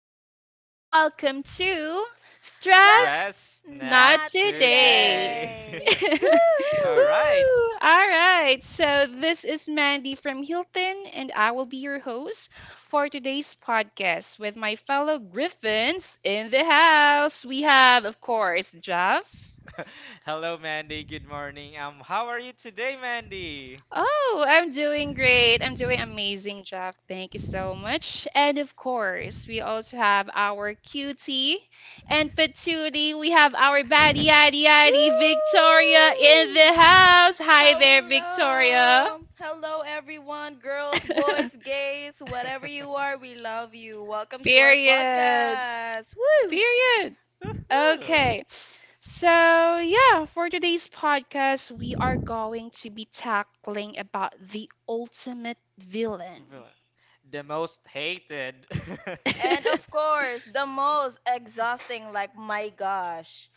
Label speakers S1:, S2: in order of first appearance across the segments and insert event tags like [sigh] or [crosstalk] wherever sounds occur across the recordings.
S1: people. Welcome to
S2: Stress
S3: Stress
S1: Stress
S3: not
S1: Not
S2: not
S1: Today.
S3: today.
S1: [laughs]
S2: today.
S3: [laughs]
S1: Woo!
S3: All right.
S1: All right. So, this is Mandy from Hilton, and I will be your host for today's podcast with my fellow Griffins in the house. We have, of course, Jeff.
S3: [laughs] Hello, Mandy. Good morning. How are you today, Mandy?
S1: Oh, I'm doing great. I'm doing amazing, Jeff. Thank you so much. And of course, we also have our cutie and patootie. We have our baddie,
S2: Woo!
S3: [laughs]
S1: yaddy, yaddy, Victoria in the
S2: Woo!
S1: house. Hi there, Victoria.
S2: Hello. Hello everyone, girls, boys,
S1: [laughs]
S2: gays, whatever you are, we love you. Welcome to our
S1: Period.
S2: podcast. Woo!
S1: Period.
S3: Woohoo!
S1: Okay. So, yeah, for today's podcast, we are going to be tackling about the ultimate villain.
S3: Villain. The most hated. [laughs]
S1: [laughs]
S2: And of course, the most exhausting like my gosh.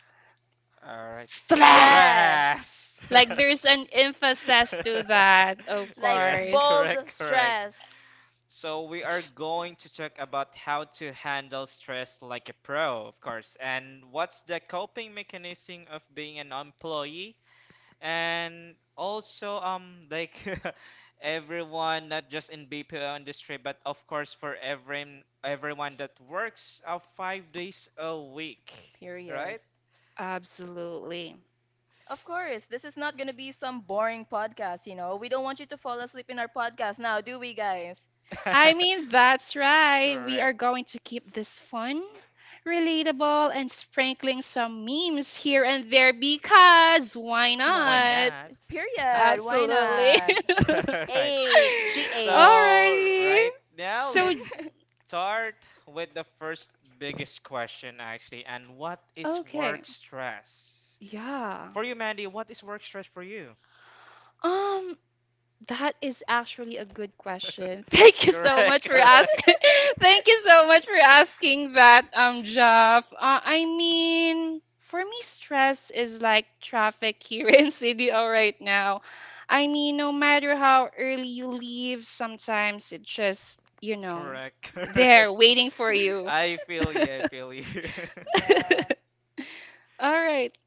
S3: All right.
S1: Stress.
S3: Trash. [laughs]
S2: Stress.
S1: Like there's an emphasis to that, of
S2: Like
S3: Yes,
S1: course.
S2: bold
S3: correct, correct.
S2: stress.
S3: So we are going to talk about how to handle stress like a pro, of course. And what's the coping mechanism of being an employee? And also, [laughs] not just in BPO industry, but of course for everyone that works 5 days a week,
S2: Period.
S3: right?
S1: Absolutely.
S2: Of course, this is not going to be some boring podcast, We don't want you to fall asleep in our podcast now, do we, guys?
S1: I mean,
S3: [laughs]
S1: that's right. We are
S3: Correct.
S1: going to keep this fun, relatable, and sprinkling some memes here and there because why
S2: Why
S3: Why
S1: not?
S3: not?
S2: not? Period. Why
S1: Absolutely.
S2: not?
S1: [laughs]
S3: [laughs] Right.
S2: Eight. She ate.
S3: So
S1: Alrighty.
S3: right now,
S1: So,
S3: let's start with the first biggest question, actually. And what is
S1: okay.
S3: work stress?
S1: Yeah.
S3: For you, Mandy, what is work stress for you?
S1: Um, that is actually a good question. [laughs] Thank
S3: [laughs]
S1: you so much
S3: Correct,
S1: for
S3: correct.
S1: asking. [laughs]
S2: [laughs]
S1: Thank you so much for asking that, Jeff. I mean, for me, stress is like traffic here [laughs] in CDO right now. I mean, no matter how early you leave, sometimes it just, you know,
S3: Correct, [laughs]
S1: there
S3: correct.
S1: waiting for you.
S3: I
S2: [laughs]
S3: feel
S1: [laughs]
S3: you, I feel you. [laughs]
S2: Yeah.
S1: All right.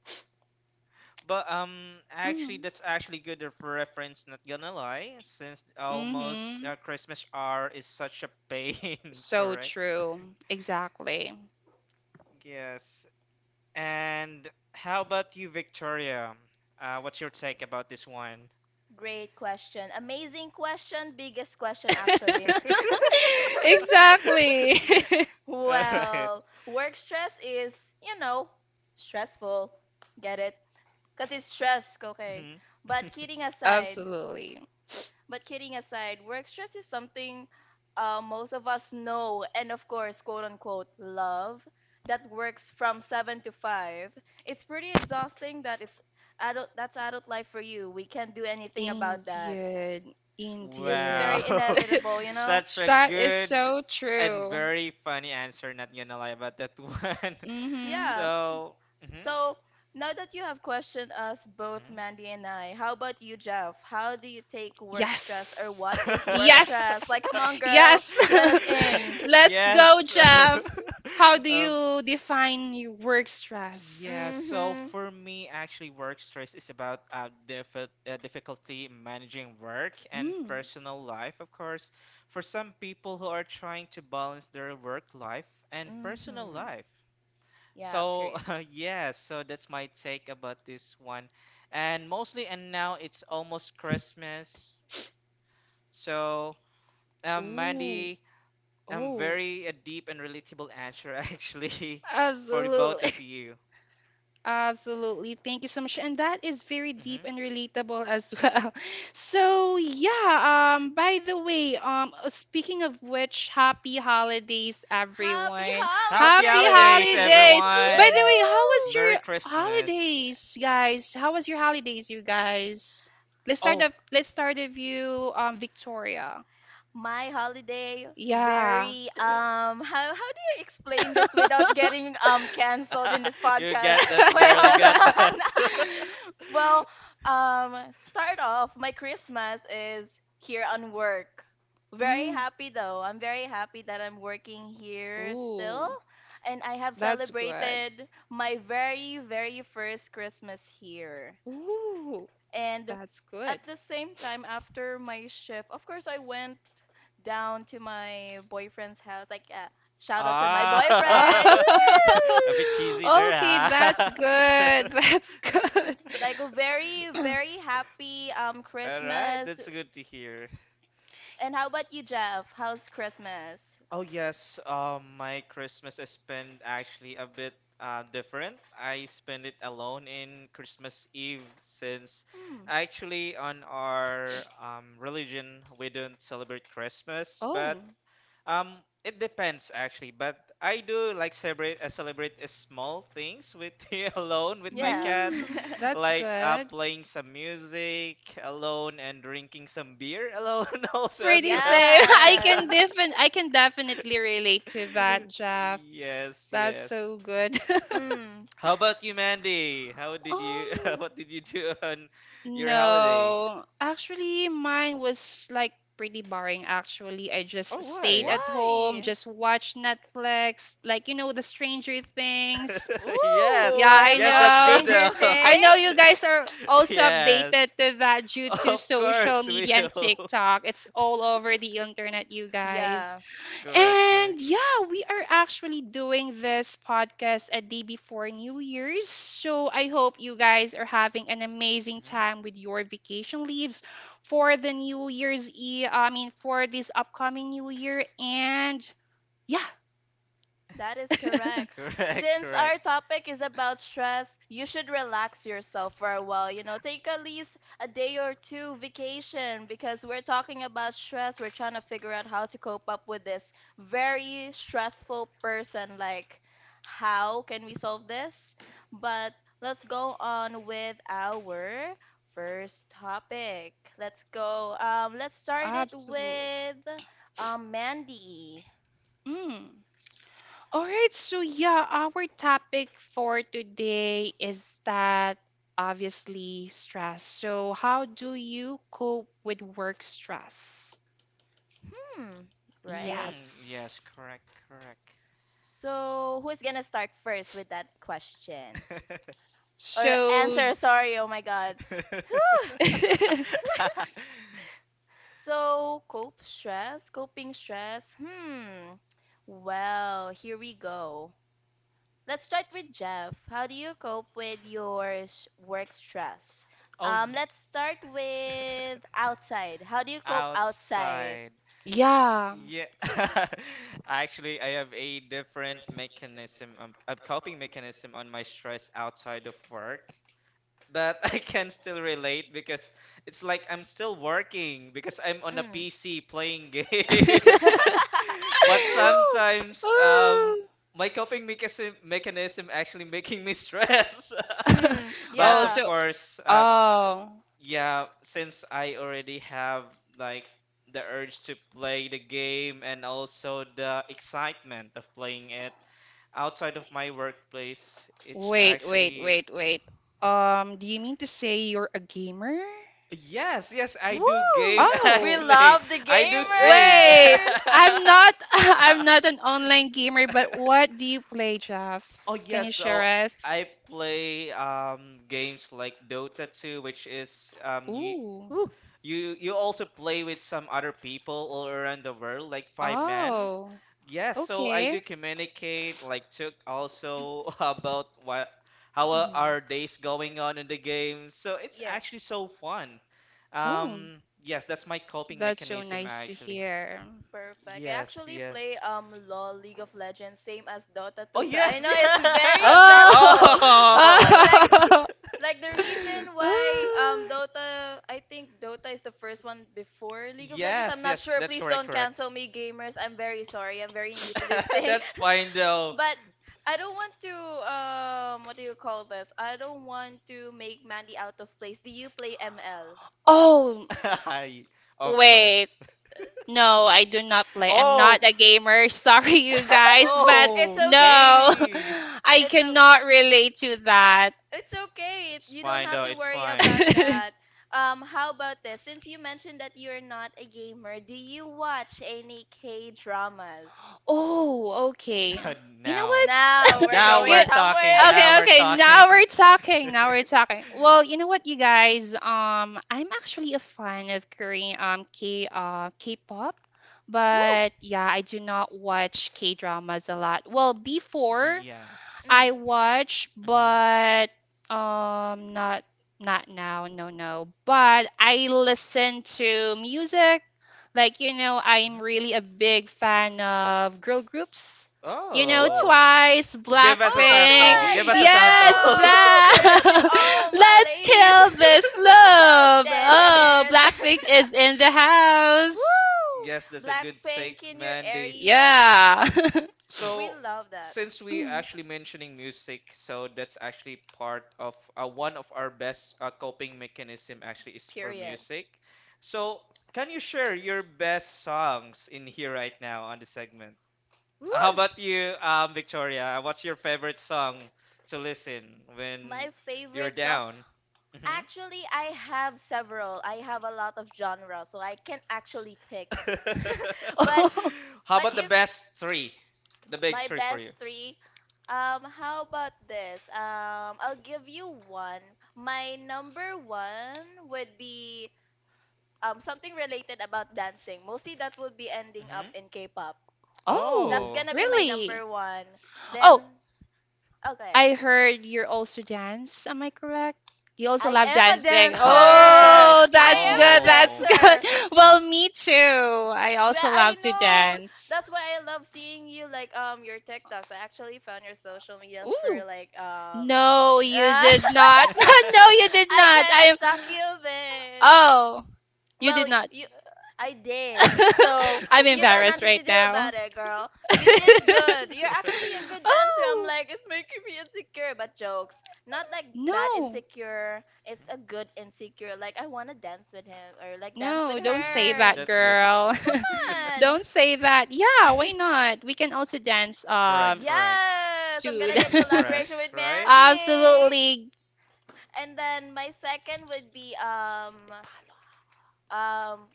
S3: But actually,
S1: Mm-hmm.
S3: that's actually good of reference. Not gonna lie, since almost
S1: Mm-hmm.
S3: Christmas R is such a pain, [laughs]
S1: So
S3: correct?
S1: true. Exactly. [laughs]
S3: Yes. And how about you, Victoria? What's your take about this one?
S2: Great question. Amazing question. Biggest question, actually.
S3: [laughs]
S2: [laughs]
S1: Exactly.
S3: All right.
S2: well, work stress is, you know, stressful. Get it? Because it's stress, okay?
S3: Mhm.
S1: [laughs]
S2: But kidding
S3: [laughs]
S2: aside,
S1: Absolutely.
S2: But kidding aside, work stress is something most of us know and, of course, quote unquote, love that works from 7 to 5. It's pretty exhausting that it's adult, that's adult life for you. We can't do anything about that.
S1: Indeed.
S2: It's
S3: Wow,
S1: Indeed.
S2: very
S3: [laughs]
S1: [laughs]
S2: inevitable,
S3: such a
S1: That is
S3: good
S1: so
S3: and
S1: true.
S3: very funny answer. Not gonna lie about that one. [laughs]
S2: Yeah.
S1: Mm-hmm.
S3: So. Mhm.
S2: So now that you have questioned us, both
S3: Hmm?
S2: Mandy and I, how about you, Jeff? How do you take work stress or
S1: Yes.
S2: what is work
S1: Yes.
S2: stress? Like, come on, girl,
S1: Yes.
S2: let us in.
S1: [laughs]
S3: [laughs]
S1: Let's go,
S3: Yes.
S1: Jeff. How
S3: [laughs]
S1: do
S3: um,
S1: you define your work
S3: yeah,
S1: stress?
S3: so
S2: Mhm.
S3: for me, actually, work stress is about difficulty managing work and
S1: Mm.
S3: personal life, of course, for some people who are trying to balance their work life and personal life. So, [laughs] so that's my take about this one. And mostly, and now it's almost Christmas. So,
S1: Ooh.
S3: Mandy,
S1: Oh.
S3: very a deep and relatable answer [laughs] actually for the both
S1: Absolutely.
S3: of
S1: [laughs]
S3: you.
S1: Absolutely. Thank you so much. And that is very
S3: Hmm.
S1: deep and relatable as well. [laughs] So, yeah, by the way, speaking of which, happy holidays
S2: Happy
S1: everyone.
S3: Happy
S1: Happy
S3: holidays,
S2: holidays!
S1: holidays. By the
S3: everyone!
S1: way, how was
S2: Woo!
S1: your
S3: Merry Christmas.
S1: holidays, guys? How was your holidays, you guys? Let's start
S3: Oh.
S1: the let's start the view, Victoria.
S2: My holiday
S1: Yeah.
S2: very how do you explain this without getting canceled in this
S3: [laughs] You
S2: podcast?
S3: get
S2: [laughs]
S3: that,
S2: Wait,
S3: girl. You
S2: hold
S3: got that.
S2: on.
S1: [laughs]
S2: [laughs] well,
S3: [laughs]
S2: start off my Christmas is here on work. Very
S1: Mm.
S2: happy though. I'm very happy that I'm working here still
S1: Ooh,
S2: and I have
S1: that's good.
S2: celebrated my very very first Christmas here.
S1: Ooh,
S2: And
S1: that's good.
S2: at the same time, after my shift, of course, I went down to my boyfriend's house. Like, shout out to my
S3: Ah,
S1: Oh,
S2: boyfriend!
S1: [laughs]
S3: [laughs] a bit
S2: Woo!
S3: cheesy there,
S1: okay, that's
S3: huh? [laughs]
S1: good. [laughs] That's good.
S2: Like a very, very happy
S3: All right,
S2: Christmas.
S3: that's good to hear.
S2: And how about you, Jeff? How's Christmas?
S3: Oh yes, my Christmas is spent actually a bit different. I spend it alone in Christmas Eve since
S2: Hmm.
S3: actually on our religion we don't celebrate Christmas, but
S1: Oh.
S3: Um, it depends actually, but I do like celebrate small things with [laughs] alone with my
S2: Yeah.
S3: cat,
S2: [laughs]
S1: Mm, that's
S3: like
S1: good.
S3: playing some music alone and drinking some beer alone [laughs] also as
S1: Pretty
S3: well.
S1: same. [laughs] I
S3: [laughs]
S2: yes.
S1: can defin I can definitely relate to that, Jeff.
S3: Yes,
S1: That's
S3: yes.
S1: so good. [laughs]
S2: Mm.
S3: How about you, Mandy? How did you [laughs]
S1: Um,
S3: what did you do on your holiday?
S1: no. Actually, mine was like pretty boring actually. I just
S3: Oh,
S1: stayed
S3: why?
S1: at home,
S2: Why?
S1: just watched Netflix, like you know, the Stranger Things.
S3: [laughs]
S2: Ooh,
S3: Yes,
S1: Yeah, I
S3: yes,
S2: hello,
S3: that's good
S1: know.
S2: Stranger
S3: though.
S1: [laughs] I know you
S2: Things.
S1: guys are
S3: [laughs]
S1: also updated
S3: Yes,
S1: to that due to
S3: of
S1: social
S3: course we
S1: media and
S3: will. [laughs]
S1: TikTok. It's all over the internet, you guys.
S2: Yeah.
S3: Correct,
S1: And
S3: correct.
S1: yeah, we are actually doing this podcast a day before New Year's. So I hope you guys are having an amazing
S3: Mhm.
S1: time with your vacation leaves for the New Year's Eve. I mean, for this upcoming New Year. And yeah,
S2: That is correct.
S3: Correct,
S2: Since
S3: correct.
S2: our topic is about stress, you should relax yourself for a while. You know, take at least a day or two vacation because we're talking about stress. We're trying to figure out how to cope up with this very stressful person. Like, how can we solve this? But let's go on with our first topic. Let's go. Let's
S1: [laughs]
S2: start it
S1: absolutely.
S2: with Mandy.
S1: All right, so yeah, our topic for today is that obviously stress. So, how do you cope with work stress?
S2: Hmm, great.
S3: Mhm. Yes,
S1: Yes.
S3: correct, correct.
S2: So, who's gonna start first with that question?
S3: [laughs]
S2: Or
S1: So, [laughs]
S2: answer, sorry, oh my god.
S3: [laughs]
S2: So, cope stress, coping stress. Hmm. Well, here we go. Let's start with Jeff. How do you cope with your work stress?
S3: oh, ye-
S2: Let's start with outside. How do you
S3: [laughs]
S2: cope outside?
S3: outside.
S1: yeah. [laughs]
S3: Yeah. [laughs] Actually, I have a different mechanism, a coping mechanism on my stress outside of work. That [laughs] I can still relate because it's like I'm still working because I'm on a
S2: Mm.
S3: PC playing game. [laughs] But
S2: [laughs] Ooh.
S3: sometimes
S1: Oh,
S3: my coping mechanism actually making me stress.
S2: Mm,
S3: [laughs]
S1: [laughs]
S3: But
S1: oh,
S3: of
S2: yeah.
S1: so,
S3: course,
S1: oh.
S3: yeah, since I already have like the urge to play the game and also the excitement of playing it outside of my workplace, it's
S1: Wait, wait,
S3: actually
S1: wait, wait. Do you mean to say you're a gamer?
S3: Yes, yes, I do game [laughs]
S2: Woo!
S1: Oh,
S2: We
S3: actually.
S2: love the
S3: I do stream. [laughs]
S1: wait.
S2: gamers.
S1: I'm not [laughs] I'm not an online gamer, but what do you play, Jeff?
S3: Oh
S1: Can
S3: yes,
S1: you share
S3: so
S1: us?
S3: I play games like Dota 2, which is new
S1: Ooh.
S2: Woo.
S3: you also play with some other people all around the world, like five men.
S1: Oh.
S3: Yes, so I
S1: Okay.
S3: do communicate, like took also [laughs] about what how are
S2: Mhm.
S3: our days going on in the game. So it's
S2: Yeah.
S3: actually so fun.
S1: Oh,
S3: Yes, that's my coping
S1: that's so
S3: mechanism
S1: nice to
S3: actually.
S1: hear.
S2: Perfect. I
S3: Yes,
S2: actually play
S3: yes.
S2: LoL, League of Legends, same as Dota
S3: Oh
S2: 2, so I
S3: yes, [laughs]
S2: know it's very
S3: yeah. [laughs]
S1: Oh.
S2: stressful. [laughs]
S1: [laughs]
S3: Oh.
S2: Like
S1: Ah.
S2: Like the reason why
S3: [laughs]
S2: Dota, I think Dota is the first one before League of Legends. I'm
S3: Yes,
S2: not
S3: yes,
S2: sure.
S3: that's
S2: Please
S3: correct,
S2: don't
S3: correct.
S2: cancel me, gamers. I'm very sorry. I'm very new to this
S3: [laughs]
S2: thing.
S3: That's fine though.
S2: [laughs] but I don't want to what do you call this? I don't want to make Mandy out of place. Do you play ML?
S1: Oh,
S3: [laughs] I- Of
S1: wait.
S3: course. [laughs]
S1: No, I do not play. I'm
S3: Oh.
S1: not a gamer. [laughs] Sorry, you guys, but
S2: [laughs] it's
S3: Whoa,
S2: okay.
S1: no,
S3: really?
S1: [laughs] I
S2: It's a.
S1: cannot relate to that.
S2: It's okay.
S3: It's
S2: You don't
S3: fine
S2: have
S3: though,
S2: to
S3: it's
S2: worry
S3: fine.
S2: about that.
S1: [laughs]
S2: How about this? Since you mentioned that you're not a gamer, do you watch any K dramas?
S1: Oh, okay.
S3: [laughs]
S1: You know
S3: Now.
S1: what?
S2: Now we're
S3: Now
S1: [laughs] You,
S2: going
S3: we're
S2: somewhere.
S3: talking. Now
S1: okay,
S3: we're
S1: okay.
S3: talking.
S1: Now we're talking. Now we're talking. Well, you know what, you guys? I'm actually a fan of Korean
S3: [laughs]
S1: K K-pop,
S2: [laughs] Woo.
S1: but yeah, I do not watch K-dramas a lot. Well, before,
S3: Yes.
S1: I
S2: Mm.
S1: watch,
S3: Mm-hmm.
S1: but not not now, no, no. But I listen to music. Like, you know, I'm
S3: Hmm.
S1: really a big fan of girl groups. You
S2: Woo!
S1: know,
S3: Oh.
S1: Twice,
S3: Give us a
S2: Ooh,
S1: Blackpink.
S3: sample.
S2: twice.
S3: Give us a
S2: Let's
S3: sample.
S1: Yes,
S3: [laughs]
S2: go.
S1: Black.
S2: Period to all
S1: [laughs]
S2: my
S1: Let's
S2: ladies. [laughs]
S1: kill this
S2: so,
S1: love.
S2: dan, dan,
S1: Oh,
S2: dan.
S1: Blackpink is in the
S2: [laughs]
S1: house.
S2: Woo!
S3: Yes, that's a good take,
S2: Blackpink in your
S3: Mandy.
S2: area.
S1: Yeah. [laughs]
S2: We
S3: So,
S2: love that.
S3: since we
S1: Mm.
S3: actually mentioning music, so that's actually part of one of our best coping mechanism actually is for
S2: Period.
S3: music. So, can you share your best songs in here right now on the segment? How
S2: Woo!
S3: about you, Victoria? What's your favorite song to listen when
S2: My
S3: you're
S2: favorite song.
S3: down? Hmm.
S2: Actually, I have several. I have a lot of genres, so I can't actually pick.
S3: [laughs]
S2: [laughs] but
S1: [laughs]
S3: How about the
S2: if
S3: best three? The big
S2: my
S3: three for
S2: best
S3: you.
S2: three, how about this? I'll give you one. My number one would be something related about dancing. Mostly that would be ending up
S3: Hmm.
S2: in K-pop.
S1: Oh,
S2: That's
S3: Oh.
S2: gonna be my
S1: really?
S2: number one.
S1: Oh,
S2: Then Oh, go ahead.
S1: I heard you're also dance. Am I correct? You also love dancing.
S3: [laughs] All right.
S1: Oh,
S2: I
S1: that's
S2: am a
S1: good. That's
S3: Oh.
S1: good.
S2: dancer.
S1: [laughs] Well, me too. I
S2: Well,
S1: also
S2: I
S1: love to
S2: know.
S1: dance.
S2: That's why I love seeing you like your TikToks. I actually found your social media for
S1: Ooh.
S2: like
S1: No,
S2: [laughs]
S1: you
S2: I
S1: did not. [laughs] No,
S3: [laughs]
S1: you did not.
S2: kind
S1: I
S2: of
S1: am.
S2: stalk you a bit.
S1: Oh, you did
S2: Well,
S1: not.
S2: you, I did. So
S1: [laughs] I'm
S2: you got
S1: embarrassed
S2: nothing
S1: right
S2: to do
S1: now.
S2: about
S1: [laughs]
S2: it, girl. You did good. You're actually
S1: [laughs]
S2: a good dancer. I'm
S1: Oh,
S2: like, it's making me insecure, but jokes. Not like bad
S1: no,
S2: insecure. It's a good insecure. Like I wanna dance with him or like dance
S1: no,
S2: with
S1: don't say
S3: Mhm.
S2: her.
S1: that,
S3: That's good. That's.
S1: girl. [laughs]
S2: Fun.
S1: Don't say that. Yeah, why
S2: [laughs]
S1: not? We can
S3: [laughs]
S1: also dance
S3: Correct, correct.
S2: yes, I'm
S3: To
S1: soon.
S2: gonna get collaboration
S3: express,
S2: with
S1: [laughs]
S3: right?
S2: Mandy.
S1: Absolutely.
S2: And then my second would be um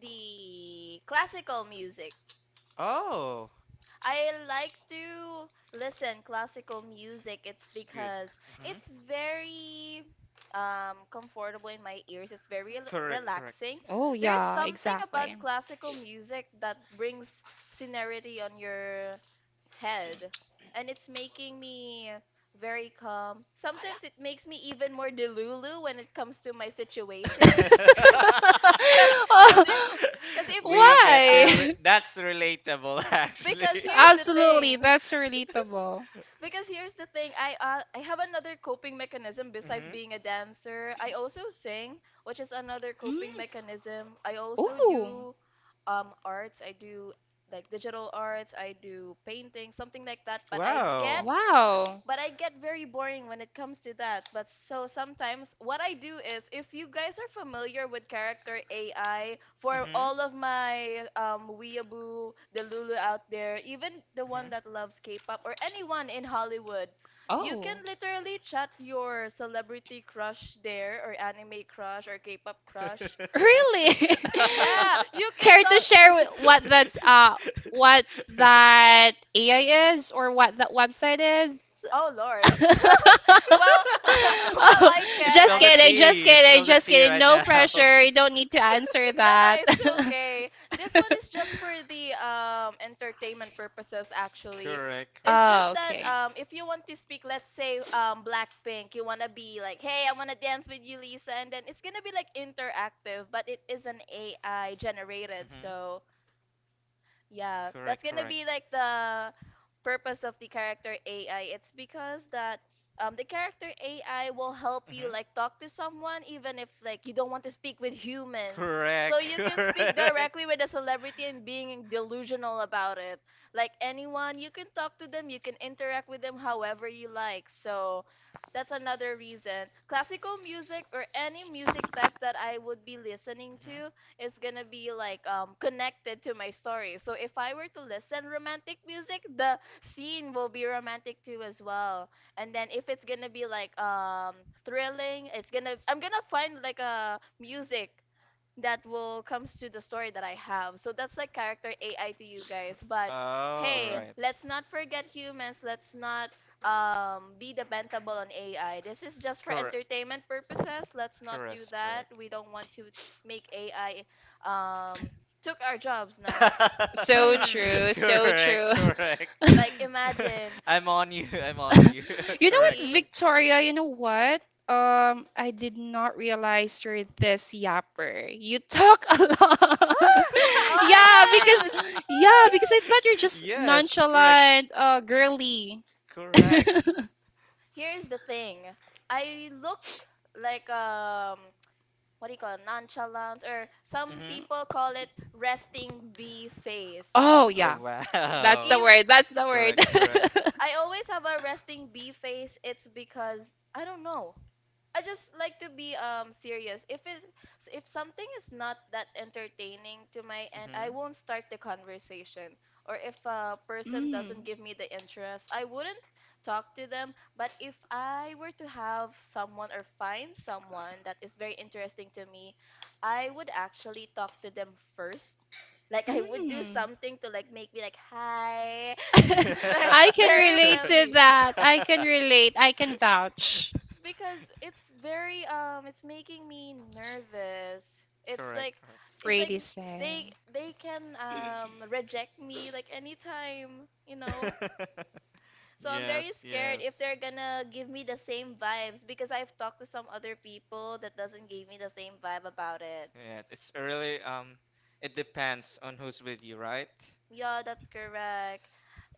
S2: the classical music.
S3: Oh,
S2: I like to listen classical music. It's
S3: it's good.
S2: because
S3: Hmm.
S2: it's very comfortable in my ears. It's very
S3: Correct, correct.
S2: relaxing.
S1: Oh,
S2: There's
S1: yeah,
S2: something
S1: exactly.
S2: about classical music that brings serenity on your head, and it's making me very calm. Sometimes it makes me even more delulu when it comes to my
S1: [laughs]
S2: situations. [laughs] Cause,
S3: [laughs]
S2: cause
S1: Oh,
S2: because if you
S3: We
S2: have like
S3: get you.
S1: why?
S3: That's relatable, [laughs]
S2: because
S1: [laughs]
S3: actually.
S2: here's the
S1: Absolutely,
S2: thing.
S1: that's relatable.
S2: I have another coping mechanism besides
S3: Hmm.
S2: being a dancer. I also sing, which is another coping
S1: Mm.
S2: mechanism. I also
S1: Oh,
S2: do arts. I do like digital arts. I do painting, something like that. But I get
S3: Wow.
S1: wow.
S2: but I get very boring when it comes to that. But so sometimes what I do is if you guys are familiar with character AI, for
S3: Mhm.
S2: all of my weeaboo, the Lulu out there, even the
S3: Mhm.
S2: one that loves K-pop or anyone in Hollywood, you can
S1: Oh.
S2: literally chat your celebrity crush there, or anime crush, or K-pop crush.
S1: Really?
S2: Yeah, you
S1: [laughs]
S2: can
S1: Care to
S2: talk.
S1: share what that's what that
S3: [laughs]
S1: AI is or what that website is?
S2: Oh Lord, well,
S1: [laughs]
S2: [laughs] well,
S1: Oh,
S2: I can.
S1: just
S3: Spill the
S2: I
S1: kidding, just
S3: tea.
S1: kidding,
S3: Spill the
S1: just
S3: tea
S1: kidding.
S3: right
S1: No
S3: now. [laughs]
S1: pressure. You
S2: [laughs]
S1: don't need to answer
S2: no, no,
S1: that.
S2: it's okay. This one is just for the entertainment purposes actually.
S3: Correct,
S1: [laughs]
S2: It's
S3: correct.
S2: just
S1: Oh,
S2: that
S1: okay.
S2: if you want to speak, let's say Blackpink, you wanna be like, hey, I wanna dance with you, Lisa, and then it's gonna be like interactive, but it is an AI generated,
S3: Mhm.
S2: so yeah, that's
S3: Correct,
S2: gonna
S3: correct.
S2: be like the purpose of the character AI. It's because that the character AI will help you
S3: Mhm.
S2: like talk to someone even if like you don't want to speak with humans. So
S3: Correct,
S2: you
S3: [laughs]
S2: can speak
S3: correct.
S2: directly with a celebrity and being delusional about it. Like anyone, you can talk to them, you can interact with them however you like. So that's another reason. Classical music or any music type that I would be listening
S3: Hmm.
S2: to is gonna be like connected to my story. So if I were to listen romantic music, the scene will be romantic too as well. And then if it's gonna be like thrilling, it's gonna I'm gonna find like a music that will comes to the story that I have. So that's like character AI to you guys.
S3: Oh,
S2: But
S3: all
S2: hey,
S3: right.
S2: let's not forget humans. Let's not be dependable on AI. This is just for
S3: Correct.
S2: entertainment purposes. Let's not do
S3: Correct.
S2: that.
S3: Correct.
S2: We don't want to make AI um, took our jobs now.
S1: So
S2: Hmm.
S3: [laughs]
S1: true, so true.
S3: correct. Correct.
S1: [laughs]
S2: Like imagine.
S3: [laughs] I'm on you. I'm on you. [laughs]
S1: You know what,
S3: Correct.
S2: See?
S3: Correct.
S2: [gasps]
S1: Victoria? You know what? I did not realize you're this yapper. You talk a lot. [laughs]
S2: Ah! Oh
S1: yeah,
S2: my
S1: because
S2: god!
S1: yeah, because I thought you're
S3: [laughs]
S1: just
S3: Yes. Correct.
S1: nonchalant, girly.
S3: Correct.
S1: [laughs]
S2: Here's the thing. I look like what do you call it? Nonchalance, or some
S3: Hmm.
S2: people call it resting bee face.
S1: oh
S3: Oh
S1: yeah, that's
S3: wow.
S1: the
S2: If
S1: word. That's the word.
S3: Correct. Correct.
S1: [laughs]
S2: I always have a resting bee face. It's because I don't know. I just like to be serious. If something is not that entertaining to my end, I
S3: Mm-hmm.
S2: won't start the conversation. Or if a person doesn't give me the interest, I wouldn't talk to them. But if I were to have someone or find someone that is very interesting to me, I would actually talk to them first. Like I would do something to like make me like hi. [laughs]
S3: [laughs]
S2: [laughs]
S1: [laughs]
S2: Like,
S1: I can
S2: very
S1: relate
S3: Correct.
S1: to
S2: friendly.
S1: that. I
S3: [laughs]
S1: can relate. I can vouch.
S2: Because it's very it's making me nervous. it's
S3: Correct,
S2: like
S3: correct.
S2: it's like
S1: Pretty
S2: they
S1: same.
S2: they can reject me like anytime, you know?
S3: [laughs]
S2: So I'm very
S3: Yes,
S2: scared
S3: yes.
S2: if they're gonna give me the same vibes, because I've talked to some other people that doesn't give me the same vibe about it.
S3: Yes, it's really it depends on who's with you, right?
S2: Yeah, that's correct.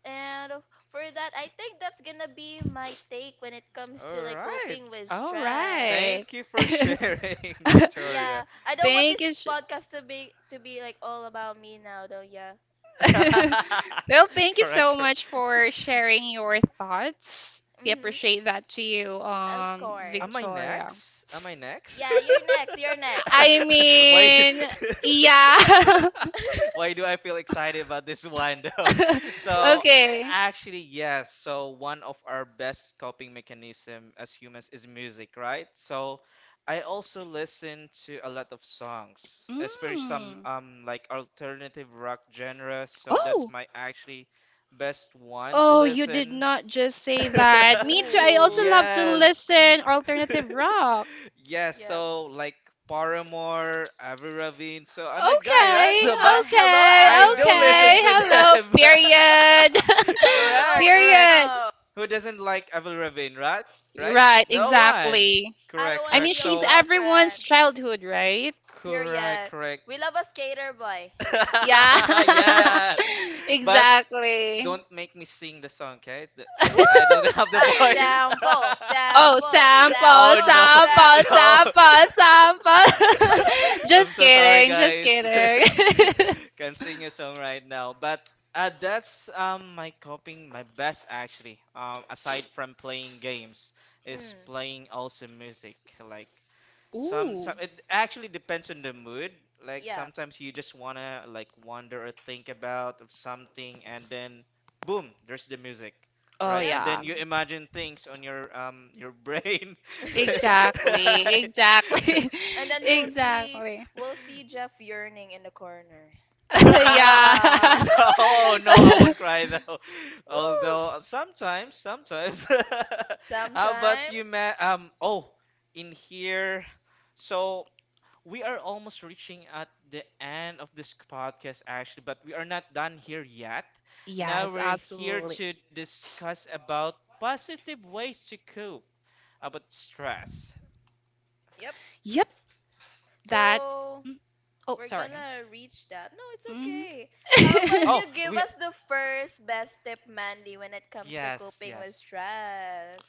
S2: And of- for that, I think that's gonna be my take when it comes to
S3: All
S2: like
S3: right.
S2: coping with
S1: All
S2: stress.
S1: right.
S3: Thank you for
S1: [laughs]
S3: sharing, [laughs] Victoria.
S2: Yeah, I don't want
S1: Thank
S2: this
S1: you. Sh-
S2: podcast to be like all about me now, though. Yeah.
S1: [laughs]
S3: [laughs]
S1: well, thank you
S3: Correct,
S1: so
S3: correct.
S1: much for sharing your thoughts. We
S2: Mhm.
S1: appreciate that to you,
S2: Of course.
S3: Am I
S1: Victoria.
S3: next? Am I next?
S2: Yeah,
S3: [laughs]
S2: you're next. You're next.
S1: I
S3: [laughs] Why
S1: mean,
S3: [laughs]
S1: yeah.
S2: [laughs]
S3: why do I feel excited about this one though? [laughs]
S1: [laughs]
S3: So
S1: okay.
S3: actually yes, so one of our best coping mechanism as humans is music, right? So I also listen to a lot of songs, especially some
S1: Mm.
S3: like alternative rock genre, so that's
S1: Oh.
S3: my actually best one to
S1: Oh, you did
S3: listen.
S1: not just say that.
S3: [laughs]
S1: Me too. I also
S2: Ooh.
S1: love to
S3: Yes.
S1: listen
S3: [laughs]
S1: alternative rock.
S3: Yeah,
S2: Yep.
S3: so like Paramore, Avril Lavigne. So I'm a guy, right?
S1: Okay,
S3: So
S2: Ooh,
S3: but
S2: hello,
S1: okay,
S3: I
S2: Avril
S3: do
S1: okay.
S3: listen
S2: Lavigne.
S3: to
S1: Hello,
S3: them.
S1: period.
S3: [laughs]
S1: [laughs]
S2: Hello,
S3: Correct, correct.
S1: period.
S2: Emo.
S3: Who doesn't like Avril Lavigne, right? Right?
S1: Right,
S3: No one.
S1: exactly.
S2: I don't
S3: Correct,
S1: I
S2: want to
S1: mean,
S2: be
S3: correct.
S2: your
S1: she's
S3: So
S1: everyone's
S2: girlfriend.
S1: childhood, right?
S3: correct,
S2: Period.
S3: correct.
S2: We love a skater boy.
S1: Yeah.
S3: [laughs]
S2: [laughs]
S3: Yes.
S1: [laughs]
S3: But
S1: exactly.
S3: don't make me sing the song, okay?
S2: Woo!
S3: Because I don't [laughs] have the
S2: Ah,
S3: voice.
S2: sample,
S3: [laughs]
S1: Oh,
S2: sample,
S1: sample,
S3: Oh
S2: sample,
S3: no,
S1: sample,
S3: [laughs]
S2: sample.
S3: no.
S2: [laughs]
S1: sample, sample. [laughs]
S3: [laughs] I'm
S1: Just
S3: so sorry,
S1: kidding, just
S3: guys.
S1: kidding.
S3: [laughs] Can't sing a song right now, but that's my coping, my best actually. Aside from playing games, is
S2: mm,
S3: playing also music. Like
S1: [laughs] Ooh.
S3: sometimes it actually depends on the mood. Like
S2: yeah.
S3: sometimes you just wanna like wonder or think about of something, and then boom, there's the music.
S1: Oh,
S3: Right,
S2: Yep.
S3: and
S1: yeah.
S3: then you imagine things on your brain. [laughs]
S1: Exactly,
S2: [laughs]
S3: Right?
S1: exactly,
S2: And
S1: [laughs]
S2: then
S1: exactly.
S2: we'll see Jeff yearning in the corner.
S1: [laughs]
S2: Ah.
S3: [laughs]
S1: Yeah.
S2: [laughs]
S3: No, no, I won't
S1: [laughs]
S3: cry though.
S2: Whew.
S3: Although sometimes, sometimes. [laughs] How about
S2: Sometime.
S3: you, ma? Oh, in here. So we are almost reaching at the end of this podcast, actually, but we are not done here yet. Now
S1: Yes,
S3: we're here
S1: absolutely.
S3: to discuss about positive ways to cope about stress.
S2: Yep.
S1: Yep, that.
S2: So
S1: Mm, oh,
S2: we're
S1: sorry.
S3: Mhm.
S2: gonna reach that. No, it's
S1: Hmm
S2: okay. How
S1: [laughs]
S2: about
S3: Oh,
S2: you give
S3: we.
S2: us the first best tip, Mandy, when it comes to
S3: Yes,
S2: coping with
S3: yes.
S2: stress?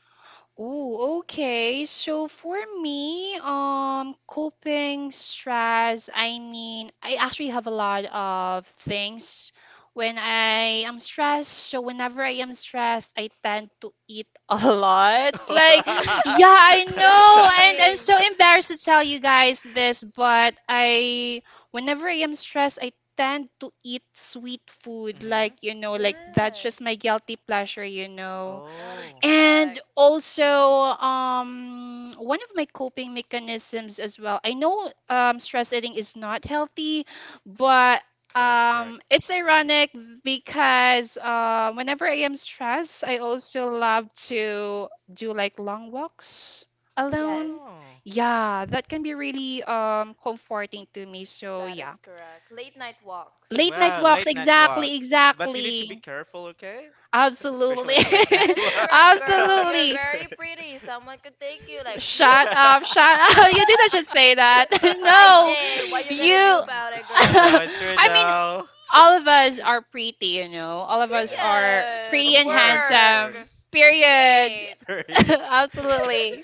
S1: Oh, okay. So for me, coping stress, I mean, I actually have a lot of things when I am stressed. So whenever I am stressed, I tend to eat [laughs] a lot. Like, yeah, I
S2: [laughs] stress
S1: know. And I'm
S2: eating.
S1: so
S3: [laughs]
S1: embarrassed to tell you guys this, but whenever I am stressed, I tend to eat sweet food. Like,
S3: Mhm.
S1: you know, like that's
S2: Yes,
S1: just my guilty pleasure, you know.
S2: that is
S3: Oh.
S1: And
S2: correct.
S1: also, one of my coping mechanisms as well. I know stress eating is not healthy, but
S3: Correct, correct.
S1: it's
S3: Mhm.
S1: ironic because whenever I am stressed, I also love to do like long walks alone.
S2: Yes,
S3: Oh,
S1: Yeah, that can be really comforting to me. So,
S2: that is
S1: yeah.
S2: correct. Late night walks.
S1: Late night
S3: wow,
S1: walks,
S3: late night walk.
S1: exactly,
S3: Yeah, but you need to be
S1: exactly.
S3: careful, okay? [laughs]
S1: Absolutely.
S3: Especially at late
S2: That
S3: night
S2: is
S3: walk.
S2: correct,
S1: [laughs]
S2: girl.
S3: [laughs]
S2: You're
S1: Absolutely.
S2: very pretty. Someone could take you like whoop.
S1: Shut up, shut up. [laughs] You
S2: [laughs]
S1: didn't just say that. [laughs]
S2: I
S1: No,
S2: did. What you gonna do
S1: you.
S2: about it,
S3: It's
S1: [laughs]
S3: true
S2: girl?
S3: though, it's true
S1: I mean,
S3: though.
S1: all of us are pretty, you know. All
S2: [laughs]
S1: of us
S3: Yes.
S1: are
S2: Period.
S1: pretty
S3: Of
S1: and
S3: course, of
S1: handsome,
S2: Work.
S3: course.
S2: She
S1: period.
S2: ate.
S3: [laughs] Very- [laughs]
S1: [laughs] Absolutely.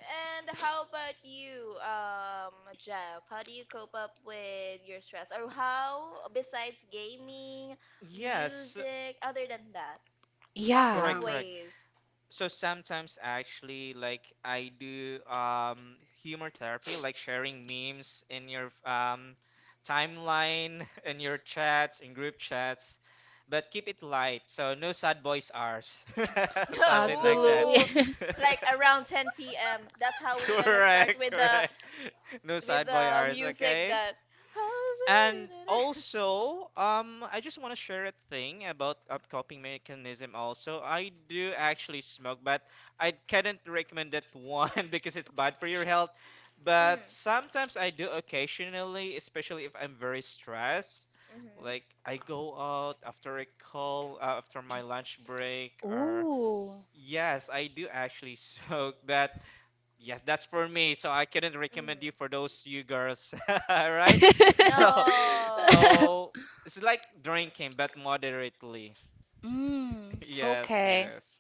S2: And how about you, Jeff? How do you cope up with your stress? Or how, besides gaming,
S3: Yes,
S2: music, other than that, positive
S1: Yeah,
S3: correct, correct.
S2: ways?
S3: So sometimes actually like I do humor therapy, like sharing memes in your timeline, [laughs] in your chats, in group chats, but keep it light. So no sad boys ours.
S2: [laughs]
S3: [laughs] Something like that.
S1: absolutely.
S2: Ooh,
S1: [laughs]
S2: like
S3: [laughs]
S2: around 10 p.m. That's how we're gonna start
S3: Correct,
S2: with the
S3: correct. No
S2: with
S3: sad boy
S2: the
S3: hours,
S2: music
S3: okay?
S2: that.
S3: And also, I just want to share a thing about a coping mechanism also. I do actually smoke, but I couldn't recommend that one [laughs] because it's bad for your health.
S2: Mm.
S3: But sometimes I do occasionally, especially if I'm very stressed.
S2: Mhm.
S3: Like I go out after a call, after my lunch break, or
S1: Ooh.
S3: yes, I do actually [laughs] smoke, but. Yes, that's for me. So I couldn't
S2: Mm.
S3: recommend you for those you girls, [laughs] right? So,
S2: No.
S3: so
S1: [laughs]
S3: it's like drinking, but moderately. [laughs]
S1: Mm,
S3: Yes,
S1: okay.
S3: yes,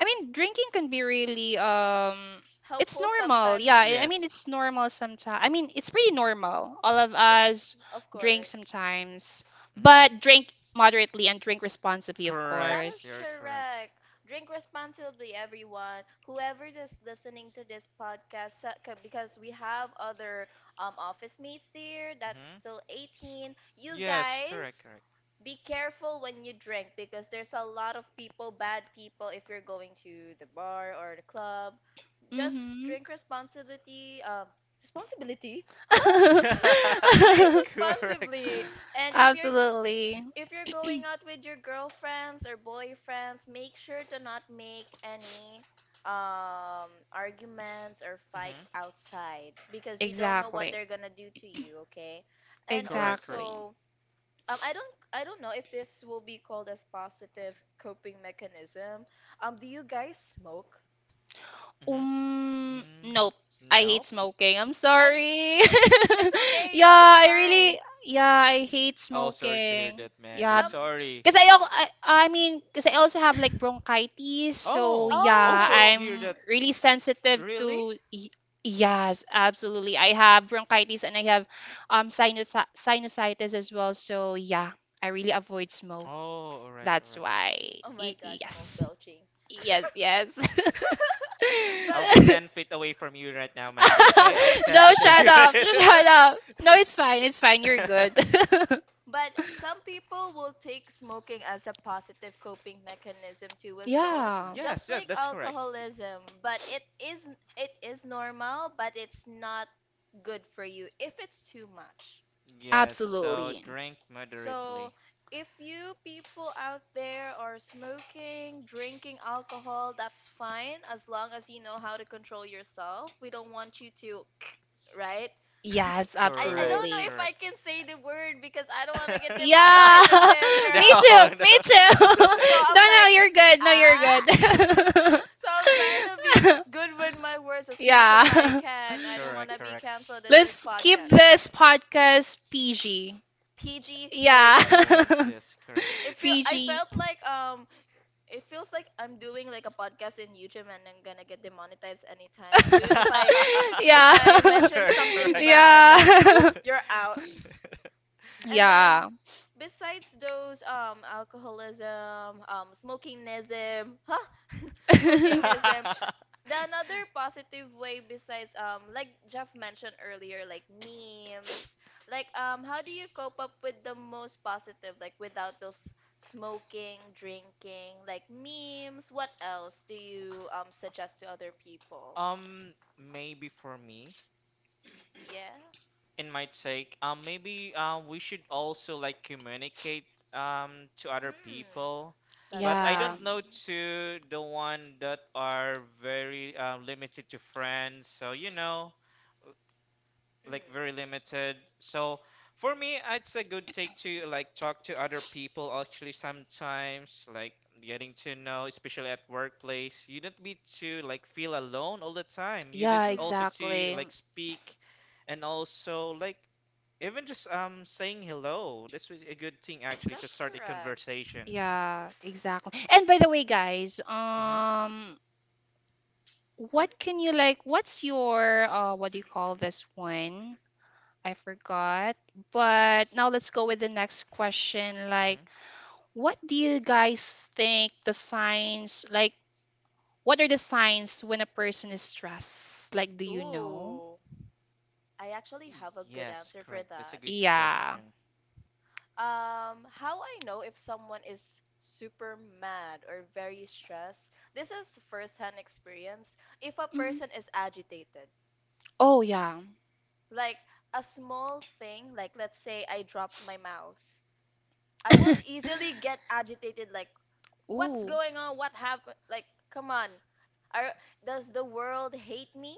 S1: I mean, drinking can be really it's
S2: Helpful
S1: normal. Yeah,
S3: S-
S2: sometimes.
S1: I mean
S3: yes.
S1: it's normal sometimes. I mean, it's pretty normal. All of
S2: It,
S1: us
S2: of
S1: drink
S2: course.
S1: sometimes,
S3: Mhm.
S1: but drink moderately and drink responsibly, of
S2: That
S3: Correct.
S2: is
S3: You're
S1: course.
S3: correct.
S2: correct. Drink responsibly, everyone. Whoever is listening to this podcast, because we have other office mates there that's
S3: Hmm.
S2: still 18. You
S3: Yes, correct,
S2: guys,
S3: correct.
S2: be careful when you drink because there's a lot of people, bad people, if you're going to the bar or the club. Just
S1: Mhm.
S2: drink responsibility. Responsibility?
S3: [laughs] Yeah,
S2: Drinks
S3: [laughs]
S1: [laughs]
S3: correct.
S2: responsibly. And if you're
S1: Absolutely.
S2: if you're going out with your girlfriends or boyfriends, make sure to not make any arguments or fight
S3: Hmm.
S2: outside because you don't know what
S1: Exactly.
S2: they're gonna do to you, okay? And
S3: Correct, correct.
S1: Exactly.
S2: also, I don't know if this will be called as positive coping mechanism. Do you guys smoke?
S3: Mm-hmm.
S1: Nope.
S3: Mm,
S1: I hate
S3: nope.
S1: smoking. I'm
S2: I mean,
S1: sorry.
S2: [laughs] it's
S1: [laughs]
S2: okay. No,
S1: yeah,
S2: it's
S1: I really,
S2: fine.
S1: yeah, I hate
S3: Oh, sorry to hear
S1: smoking.
S3: that, Mandy.
S1: Yeah,
S2: Some.
S3: Sorry.
S1: because I mean, because I also have like
S2: [laughs]
S1: bronchitis, so
S3: Oh, oh,
S1: yeah,
S3: sorry
S2: oh,
S3: to hear
S1: I'm
S3: that.
S1: really sensitive
S3: Really?
S1: to. Y- Yes, absolutely. I have bronchitis and I have sinus sinusitis as well. So yeah, I really avoid smoke.
S3: Oh, all right, all
S1: That's
S3: right.
S1: why.
S2: oh my
S1: Y-
S2: God, smoke
S1: yes.
S2: belching.
S1: Yes, yes. [laughs]
S2: [laughs]
S3: I'll
S2: but
S3: be
S1: [laughs]
S3: 10 feet away from you right now, Mandy, okay? I'll be
S2: [laughs]
S3: 10
S1: no,
S3: feet
S1: shut
S3: away [laughs]
S1: up.
S3: right
S1: Shut up. No, it's fine. It's fine. You're good.
S2: but some people will take smoking as a positive coping mechanism too as well,
S3: [laughs]
S1: [laughs] yeah,
S3: Yes,
S2: just
S3: yes,
S2: like
S3: that's correct.
S2: alcoholism. But it is normal, but it's not good for you if it's too much.
S3: Yes, so
S1: absolutely.
S3: drink
S2: So,
S3: moderately.
S2: if you people out there are smoking, drinking alcohol, that's fine as long as you know how to control yourself. We don't want you to, right? [laughs]
S1: Yes,
S2: I
S3: Correct,
S2: don't know
S1: absolutely.
S2: if I
S3: correct.
S2: can say the word because I don't want to get
S1: Yeah,
S3: [laughs]
S2: demonetized in this,
S1: [laughs] me
S2: girl.
S1: too.
S3: No,
S1: Me
S3: no.
S1: too. [laughs]
S2: So
S1: no,
S2: I'm
S1: no,
S2: like,
S1: you're good. No, you're
S2: ah. [laughs]
S1: good.
S3: [laughs]
S2: So I'm trying to be good with my words
S1: [laughs]
S2: as much as I
S1: yeah. [laughs]
S2: can. I don't want
S3: Correct,
S2: to be
S3: correct.
S2: canceled in this
S1: Let's keep
S2: podcast.
S1: this podcast PG.
S2: PG
S1: Yeah.
S2: 13.
S3: Yes, yes, correct.
S2: It
S1: [laughs]
S2: feel I
S1: PG.
S2: felt like um it feels like I'm doing like a podcast in YouTube and I'm gonna get demonetized anytime soon if I
S1: [laughs]
S2: if
S1: yeah.
S2: I
S3: [laughs]
S2: mention
S3: You're
S1: [laughs]
S2: something
S3: correct.
S2: bad like whoop
S1: yeah.
S2: you're out.
S1: [laughs]
S2: And then
S1: yeah.
S2: besides those alcoholism, smokingism, huh? [laughs]
S1: [laughs]
S2: Smokingism,
S3: [laughs]
S2: the another positive way besides like Jeff mentioned earlier like memes like how do you cope up with the most positive like without those smoking drinking like memes, what else do you suggest to other people?
S3: Maybe for me.
S2: Yeah.
S3: In my take, maybe we should also like communicate to other
S2: Mm.
S3: people,
S2: That's
S3: but I
S2: correct.
S1: yeah.
S3: don't know to the one that are very limited to friends. So you know, like very limited.
S2: Mm.
S3: So for me, it's a good take to like talk to other people. Actually, sometimes like getting to know, especially at workplace, you don't be to like feel alone all the time. You just
S1: Yeah,
S3: also to
S1: exactly.
S3: like speak and also like even just saying hello, that's really a good thing actually to start a conversation.
S1: Yeah, exactly. And by the way, guys,
S3: Mm-hmm.
S1: what can you like? What's your what do you call this one? I forgot. But now let's go with the next question. Like,
S3: Mm-hmm.
S1: what do you guys think the signs, like, what are the signs when a person is stressed? Like, do
S2: Mhm.
S1: you know?
S2: Ooh, I actually have a good
S3: Yes,
S2: answer for
S3: correct. That's a
S2: that.
S3: good
S1: Yeah.
S3: question.
S2: How I know if someone is super mad or very stressed? This is first-hand experience. If a
S1: Mhm.
S2: person is agitated,
S1: Oh, yeah.
S2: like a small thing, like let's say I drop my mouse, I would easily
S1: [laughs]
S2: get agitated, like, what's
S1: Ooh.
S2: going on? What happened? Like, come on. Are, does the world hate me?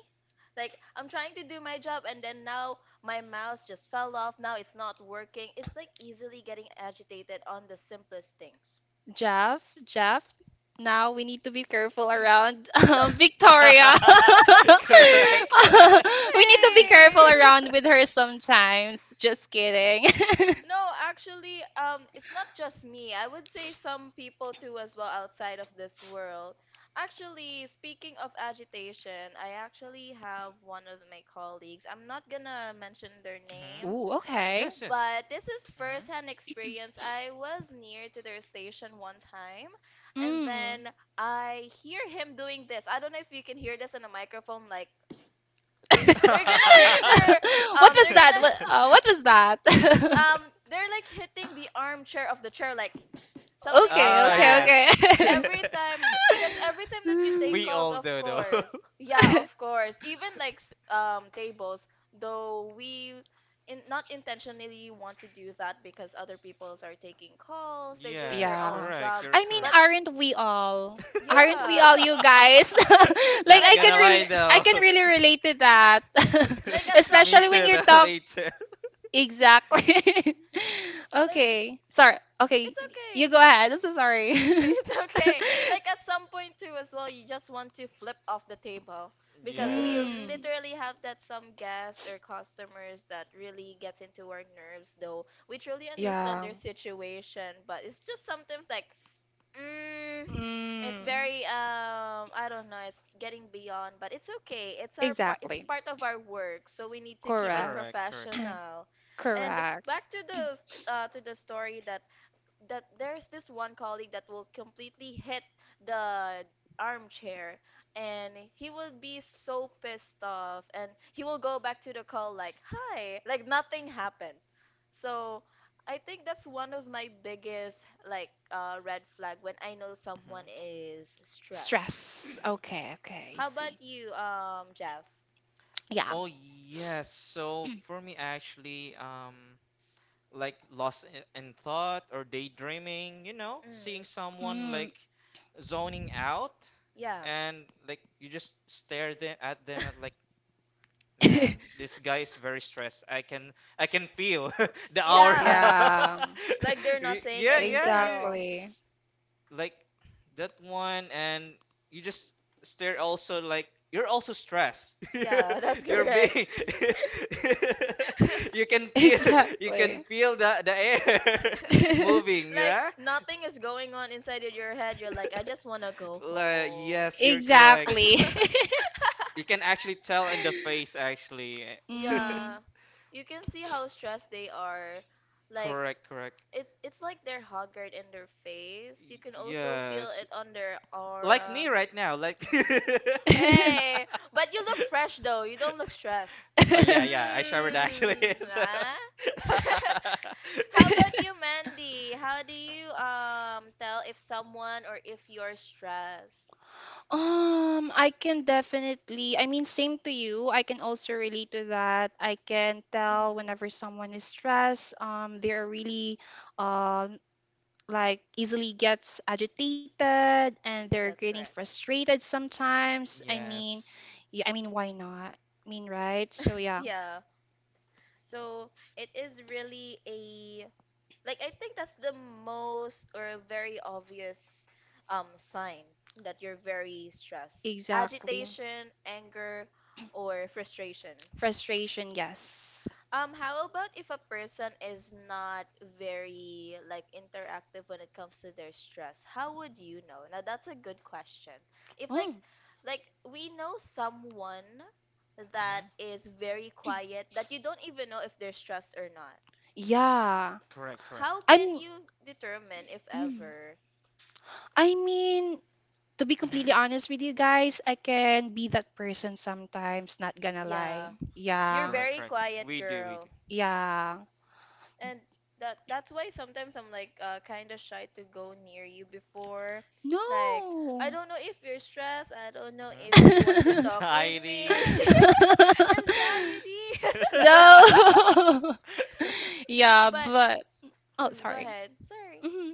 S2: Like, I'm trying to do my job and then now my mouse just fell off. Now it's not working. It's like easily getting agitated on the simplest things.
S1: Jeff, Jeff, now we need to be careful around [laughs]
S2: [laughs] Like,
S1: Victoria. [laughs] we
S3: [laughs] Correct, correct.
S1: need to be careful
S2: hey.
S1: around with her sometimes. Just kidding. [laughs]
S3: [laughs]
S2: No, actually, it's not just me. I would say some people too as well outside of this world. Actually, speaking of agitation, I actually have one of my colleagues. I'm not gonna mention their
S3: Hmm.
S2: name,
S1: Ooh, okay.
S3: Yes, yes.
S2: but this is
S3: Hmm.
S2: first-hand experience. I was near to their station one time, and
S1: Mm.
S2: then I hear him doing this. I don't know if you can hear this in a microphone, like
S1: [laughs] what
S2: they're gonna hit their, um,
S1: was
S2: they're
S1: that?
S2: gonna,
S3: [laughs]
S1: What was that?
S2: they're like hitting the armchair of the chair, like.
S1: [laughs]
S2: Something like
S1: okay,
S3: Ah,
S2: that.
S3: yes.
S1: okay,
S2: Every
S3: [laughs]
S2: time, because every time that you take
S1: okay.
S3: We
S2: calls,
S3: all
S2: of
S3: do, though.
S2: course.
S3: [laughs]
S2: Yeah,
S1: [laughs]
S2: of
S1: [laughs]
S2: course. Even like tables, though we in, not intentionally want to do that because other peoples are taking calls, they're doing their
S3: Yes,
S2: own
S1: Yeah.
S3: correct.
S2: job.
S3: You're
S1: I mean,
S2: But
S3: correct.
S1: aren't we all? Aren't we
S2: yeah,
S1: all you guys? [laughs]
S3: [laughs]
S1: Like
S3: Not
S2: like at
S3: gonna lie,
S1: I
S3: though.
S1: can
S3: [laughs]
S1: really relate to that.
S2: [laughs] like
S1: [laughs]
S2: at
S3: [laughs]
S2: some
S3: Me
S1: Especially
S2: point,
S1: when
S3: too,
S1: you
S3: though. [laughs]
S1: talk
S3: Me too.
S1: exactly. [laughs]
S2: like
S1: Okay. Sorry. Okay,
S2: it's
S1: you go
S2: okay.
S1: ahead. I'm so sorry.
S2: [laughs] It's
S1: [laughs]
S2: okay. Like at some point too as well, you just want to flip off the table because we
S1: Mm.
S3: Yes.
S2: literally have that some guests or customers that really gets into our nerves though. We truly understand
S1: Yeah.
S2: their situation, but it's just sometimes like mm, it's
S1: Mm.
S2: very I don't know, it's getting beyond, but it's okay. It's
S1: Exactly.
S2: part of our work, so we need to keep it
S1: Correct.
S3: Correct, correct. Correct.
S2: professional.
S1: [clears throat]
S2: And
S1: Correct.
S2: back to the to the story that there's this one colleague that will completely hit the armchair and he will be so pissed off and he will go back to the call like hi like nothing happened. So I think that's one of my biggest like red flag when I know someone
S3: Mhm.
S2: is stressed.
S1: Stress. Okay, okay, I
S2: How about
S1: see.
S2: you, Jeff?
S1: Yeah.
S3: Oh yes. So for me, actually, like lost in thought or daydreaming, you know,
S2: Mm.
S3: seeing someone
S1: Mm.
S3: like zoning out,
S2: Yeah.
S3: and like you just stare them at
S2: [laughs]
S3: like Man,
S1: [laughs]
S3: this guy is very stressed. I can feel [laughs] the aura.
S2: Yeah.
S1: Yeah.
S2: Like they're
S3: [laughs]
S2: not
S3: Re-
S2: saying
S3: Yeah, yeah,
S2: anything at
S3: you
S2: all.
S1: Exactly.
S3: like that one and you just stare also like you're also stressed.
S2: Yeah, that's
S3: [laughs] You're
S2: correct.
S3: being
S2: [laughs]
S3: [laughs] you can
S1: [laughs]
S3: feel [laughs] you can
S1: Exactly.
S3: feel the air [laughs] moving,
S2: Like
S3: yeah?
S1: [laughs]
S2: nothing is going on inside of your head. You're like, I just wanna
S3: [laughs]
S2: go
S3: Like,
S2: home.
S3: yes, you're correct.
S1: Exactly.
S2: [laughs]
S3: You can actually tell in the face actually.
S1: [laughs] hmm
S2: Yeah.
S3: [laughs]
S2: You can see how stressed they are. Like
S3: Correct, correct.
S2: it's like they're haggard in their face. You
S3: Y-
S2: can also feel
S3: Yes,
S2: it on their
S3: like me
S2: aura.
S3: right now.
S2: [laughs]
S3: Like. [laughs]
S1: [laughs]
S2: Hey, but you look fresh though. You don't look stressed.
S3: Oh yeah, yeah. I showered actually.
S2: Mmm.
S3: [laughs] So-
S2: ah. [laughs] How about you, Mandy? How do you tell if someone or if you're stressed?
S1: I can definitely, I mean, same to you. I can also relate to that. I can
S2: Mhm.
S1: tell whenever someone is stressed, they are really, um, like easily gets agitated and they're
S2: That's
S1: getting
S2: correct.
S1: frustrated
S3: [laughs]
S1: sometimes. I mean,
S3: yes.
S1: yeah, I mean, why not? I mean, right? So yeah.
S2: Yeah. So it is really a like I think that's the most or a very obvious sign that you're very stressed.
S1: Exactly.
S2: Agitation, anger, or frustration.
S1: Frustration, yes.
S2: How about if a person is not very like interactive when it comes to their stress? How would you know? Now that's a good question. If like
S1: Oh,
S2: like we know someone that
S3: Mhm.
S2: is very quiet that you don't even know if they're stressed or not.
S1: yeah.
S3: Correct. Correct.
S2: How can
S1: I'm
S2: you determine if
S1: mm.
S2: ever?
S1: I mean, to be
S3: Mhm.
S1: completely honest with you guys, I can be that person sometimes, not gonna lie.
S2: Yeah. You're
S1: Yeah.
S3: Correct.
S2: very
S3: Correct.
S2: quiet,
S3: We do. We do.
S2: girl.
S1: Yeah.
S2: And that's why sometimes I'm like kind of shy to go near you before, like, I
S1: No.
S2: don't know if you're stressed, I don't know
S3: Mhm.
S2: if you want to talk
S1: [laughs]
S2: with
S3: Anxiety,
S2: me.
S3: [laughs] yes.
S2: [laughs] Anxiety. [laughs]
S1: No. [laughs] Yeah,
S2: But
S1: but oh,
S2: go
S1: sorry.
S2: ahead, sorry.
S1: Mhm.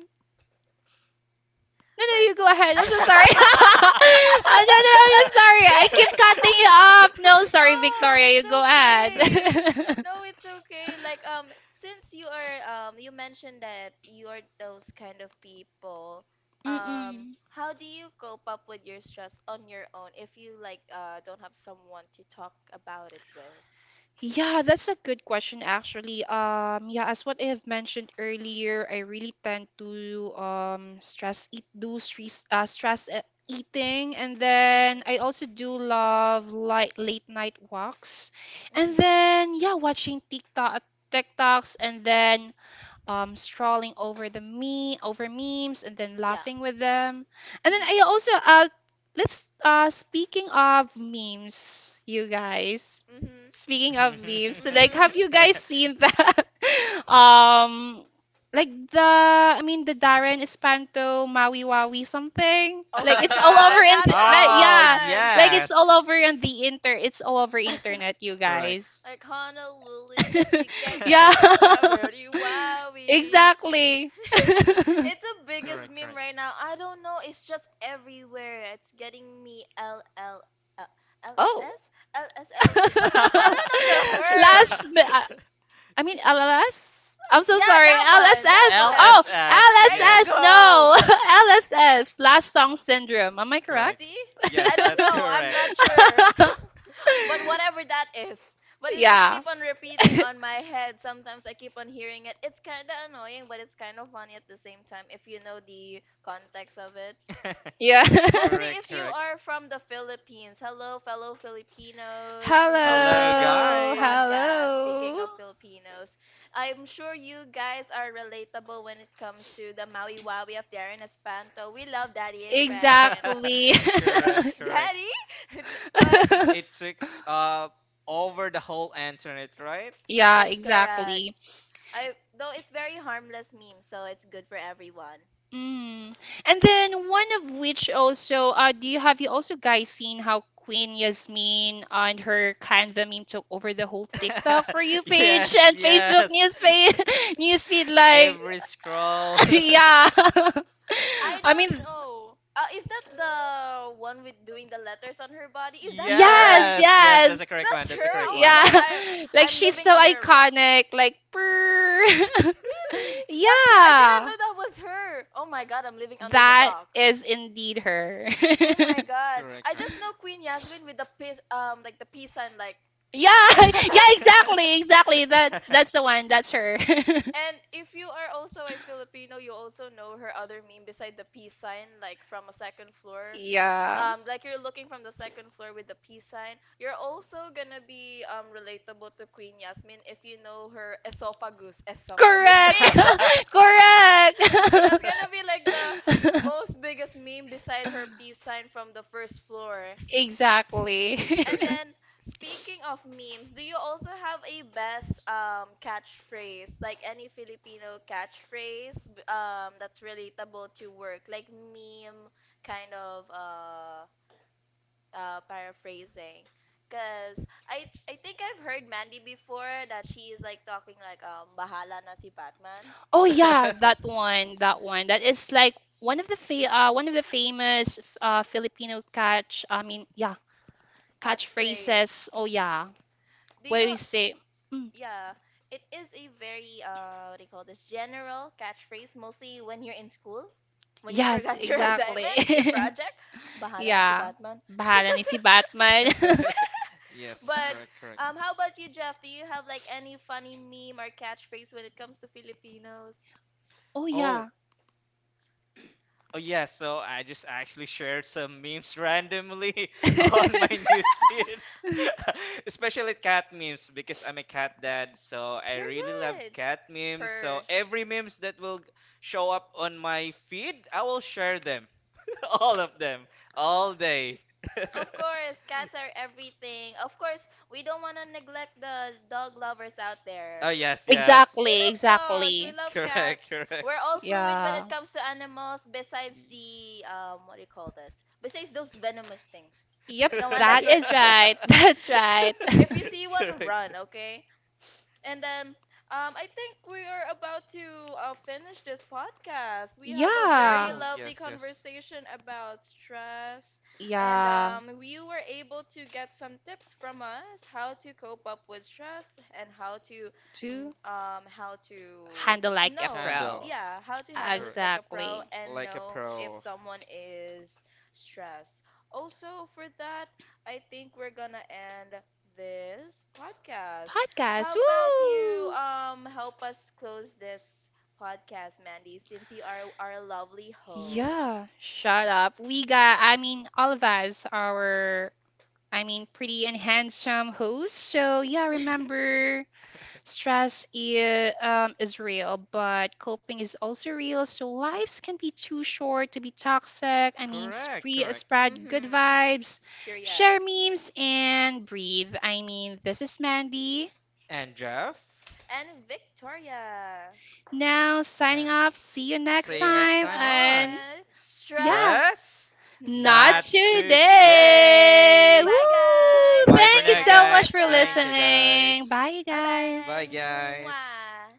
S1: No, no,
S2: But
S1: you go ahead. I'm so sorry. [laughs] oh, no, no, I'm so
S2: [laughs]
S1: sorry.
S2: see.
S1: I keep cutting you
S2: [laughs]
S1: off. No,
S2: No,
S1: sorry, Victoria. You
S2: it's
S1: go
S2: okay.
S1: ahead.
S2: No,
S1: [laughs]
S2: it's okay. Like since you are you mentioned that you are those kind of people, um
S1: Mm-mm.
S2: how do you cope up with your stress on your own if you like don't have someone to talk about it with?
S1: Yeah, that's a good question, actually. Yeah, as what I have mentioned earlier, I really tend to stress eat do stress stress eating, and then
S2: Mm.
S1: I also do love light late night walks, and
S2: Mhm.
S1: then yeah, watching TikToks, and then strolling over the me over memes and then
S2: Yeah.
S1: laughing with them. And then
S2: Mhm.
S1: I also let's speaking of memes, you guys.
S2: Mhm.
S1: Speaking of memes, like
S2: Mhm.
S1: have you guys seen that? [laughs] um like the I mean the Darren Espanto Maui Wawi something
S2: Oh
S1: like
S2: my
S1: it's all over
S2: god,
S3: [laughs]
S2: not
S1: like
S3: Oh,
S1: yeah
S2: that
S1: like it's
S3: yes.
S1: all over on the inter it's all over
S2: Yes. one!
S1: internet you
S3: Correct.
S2: [laughs]
S1: guys
S2: Like Honolulu just to get
S1: [laughs] yeah
S2: that
S3: [laughs]
S2: rubbery
S1: [laughs]
S2: wowie.
S1: exactly. [laughs]
S2: [laughs] It's the biggest
S3: Correct,
S2: meme
S3: correct.
S2: right now. I don't know. It's just everywhere. It's getting me uh, l L
S1: Oh.
S2: S L S
S1: [laughs]
S2: S. [laughs] I
S1: Last,
S2: don't
S3: [laughs]
S2: know the word.
S1: mi- I I mean, LLS? Am so
S2: Yeah,
S1: sorry.
S2: that one. That
S1: LSS.
S2: one.
S1: Oh,
S3: LSS,
S2: There you
S3: yes.
S1: LSS.
S2: go.
S1: No. [laughs] LSS. Last song syndrome. Am I correct?
S3: Correct.
S2: See? I
S3: Yes,
S2: don't
S3: that's
S2: know. I'm not
S3: correct.
S2: sure.
S1: [laughs]
S2: [laughs] But whatever that is. But
S1: [laughs]
S2: it just
S1: yeah.
S2: keep on repeating
S1: [laughs]
S2: on my head. Sometimes I keep on hearing it. It's kind of annoying, but it's kind of funny at the same time if you know the context of it.
S1: yeah.
S3: [laughs]
S2: Mostly
S3: Correct,
S2: if you
S3: correct.
S2: are from the Philippines. Hello, fellow
S1: [laughs]
S2: Filipinos who's
S3: Hello,
S2: listening to this
S1: hello.
S3: guys.
S2: podcast. Speaking
S1: Hello.
S2: of Filipinos, I'm sure you guys are relatable when it comes to the Maui Wawi of Darren Espanto. We love Daddy Esparin.
S3: [laughs]
S1: Exactly.
S3: Correct,
S2: [laughs]
S3: correct.
S2: Daddy? [laughs] But
S3: It took
S1: [laughs]
S3: uh over the whole internet, right?
S2: that
S1: yeah,
S2: is correct.
S1: exactly.
S2: I Though it's very harmless meme, so it's good for everyone.
S1: Mm. And then one of which also, do you have you also guys seen how Queen Yasmin and her Canva meme took over the whole TikTok for you
S3: [laughs]
S1: page
S3: Yes,
S1: and Facebook
S3: yes.
S1: news
S2: Uh,
S1: [laughs] feed, news feed [laughs]
S3: [laughs]
S1: like,
S3: Every scroll.
S1: [laughs] yeah.
S2: I
S1: [laughs] I
S2: don't
S1: mean,
S2: know. Is that the one with doing the letters on her body?
S3: [laughs]
S2: Is that her?
S1: yes,
S3: Yes, yes, that's a
S1: yes,
S3: correct one.
S2: That's
S3: That's a
S2: her.
S3: correct
S2: Oh my
S3: one.
S2: god, I
S1: yeah. [laughs] Like
S2: I'm
S1: she's
S2: living
S1: so
S2: under a rock.
S1: iconic, like, brr. [laughs]
S2: Really? That's her. I didn't
S1: yeah,
S2: know that was her. Oh my god, I'm living under the
S1: that
S2: rock.
S1: is indeed her. [laughs]
S2: Oh my god.
S3: Correct,
S2: I
S3: correct.
S2: just know Queen Yasmin with the peace like the peace sign, like.
S1: Yeah,
S2: [laughs]
S1: [laughs] yeah, exactly,
S3: [laughs]
S1: exactly. That that's the one. That's her. [laughs]
S2: And if you are also a Filipino, you also know her other meme beside the peace sign, like from a second floor.
S1: yeah.
S2: Like you're looking from the second floor with the peace sign. You're also gonna be relatable to Queen Yasmin if you know her esophagus. Esophagus [laughs]
S1: Correct.
S2: meme.
S1: [laughs] Correct.
S2: That's gonna be like the most biggest meme beside her peace sign from the first floor.
S1: [laughs] exactly.
S3: [laughs]
S2: And
S1: [laughs]
S3: correct.
S2: then, speaking of memes, do you also have a best catchphrase, like any Filipino catchphrase that's relatable to work, like meme kind of paraphrasing? Cause I think I've heard Mandy before that she is like talking like bahala na si Batman
S1: Oh yeah,
S3: [laughs]
S1: that
S3: [laughs]
S1: one, that one. That is like one of one of the famous Filipino catch. I mean, yeah,
S2: catchphrase.
S1: catchphrases. Oh yeah,
S2: Do
S1: where
S2: you?
S1: we say, mm,
S2: Yeah, it is a very what do you call this general catchphrase mostly when you're in school, when you
S1: yes,
S2: forgot your [laughs]
S1: exactly.
S2: assignment, your project,
S1: [laughs]
S2: bahala na si
S1: yeah,
S2: Batman. [laughs]
S1: bahala ni si Batman.
S3: Yes,
S2: But
S3: correct, correct.
S2: how about you, Jeff? Do you have like any funny meme or catchphrase when it comes to Filipinos?
S1: [laughs] oh yeah.
S3: Oh, oh yeah, so I just actually shared some memes randomly [laughs] on my
S1: [laughs]
S3: newsfeed. [laughs] Especially cat memes because I'm a cat dad, so I really love
S2: Period.
S3: cat memes. So
S2: Per.
S3: every memes that will show up on my feed, I will share them. [laughs] All of them, all day. [laughs]
S2: Of course, cats are everything. Of course, we don't want to neglect the dog lovers out there.
S3: Oh yes, yes.
S2: We
S1: Exactly,
S2: love dogs. We
S1: exactly.
S2: love cats.
S3: Correct, correct.
S2: We're all fluid when it
S1: Yeah.
S2: comes to animals. Besides
S3: Y-
S2: the what do you call this? Besides those venomous things,
S3: [laughs]
S2: we don't
S1: Yep,
S2: want that
S1: that
S2: here.
S1: is
S2: [laughs]
S1: right. [laughs] That's right.
S2: If you
S1: [laughs]
S2: see one,
S3: Correct.
S2: run. Okay. And then I think we are about to finish this podcast. We have a very
S1: Yeah.
S3: Oh,
S2: lovely
S3: yes, yes.
S2: conversation about stress, and
S1: Yeah.
S2: we were able to get some tips from us how to cope up with stress and how to
S1: To
S2: how to
S1: handle like a
S2: know,
S3: Handle.
S1: pro.
S2: yeah, how to handle it
S3: Correct.
S2: like a pro
S1: Exactly.
S2: and
S3: Like a
S2: know if
S3: pro.
S2: someone is stressed. Also, for that, I think we're gonna end this podcast. How
S1: podcast.
S2: about you
S1: Woo!
S2: help us close this podcast, Mandy, since you are our lovely host.
S1: Yeah, shut up. We got, I mean, all of us are, I mean, pretty and handsome hosts. So yeah,
S2: [laughs]
S1: remember, stress is real, but coping is also real. So lives can be too short to be toxic. I mean,
S3: Correct, correct.
S1: spread good
S2: Mhm.
S1: vibes,
S2: Period.
S1: share memes, and breathe. I mean, this is Mandy.
S3: And Jeff,
S2: And Victoria.
S1: Now,
S3: uh,
S1: signing off. See you next
S2: You
S3: see you
S2: take
S3: next
S1: time.
S3: time
S2: time
S3: on
S1: And
S2: and stress.
S1: yeah,
S3: Stress
S1: not
S2: Not
S3: Not
S2: today.
S1: today.
S3: Today.
S1: Woo!
S2: Bye, guys.
S3: Bye
S2: See
S3: for
S1: Thank you
S2: you
S3: now,
S2: next
S1: so much
S3: guys.
S1: for
S3: Thank you,
S2: podcast.
S1: listening.
S3: guys.
S1: Bye, you
S2: Bye
S3: Bye,
S2: bye.
S1: guys.
S3: guys.
S2: Mwah.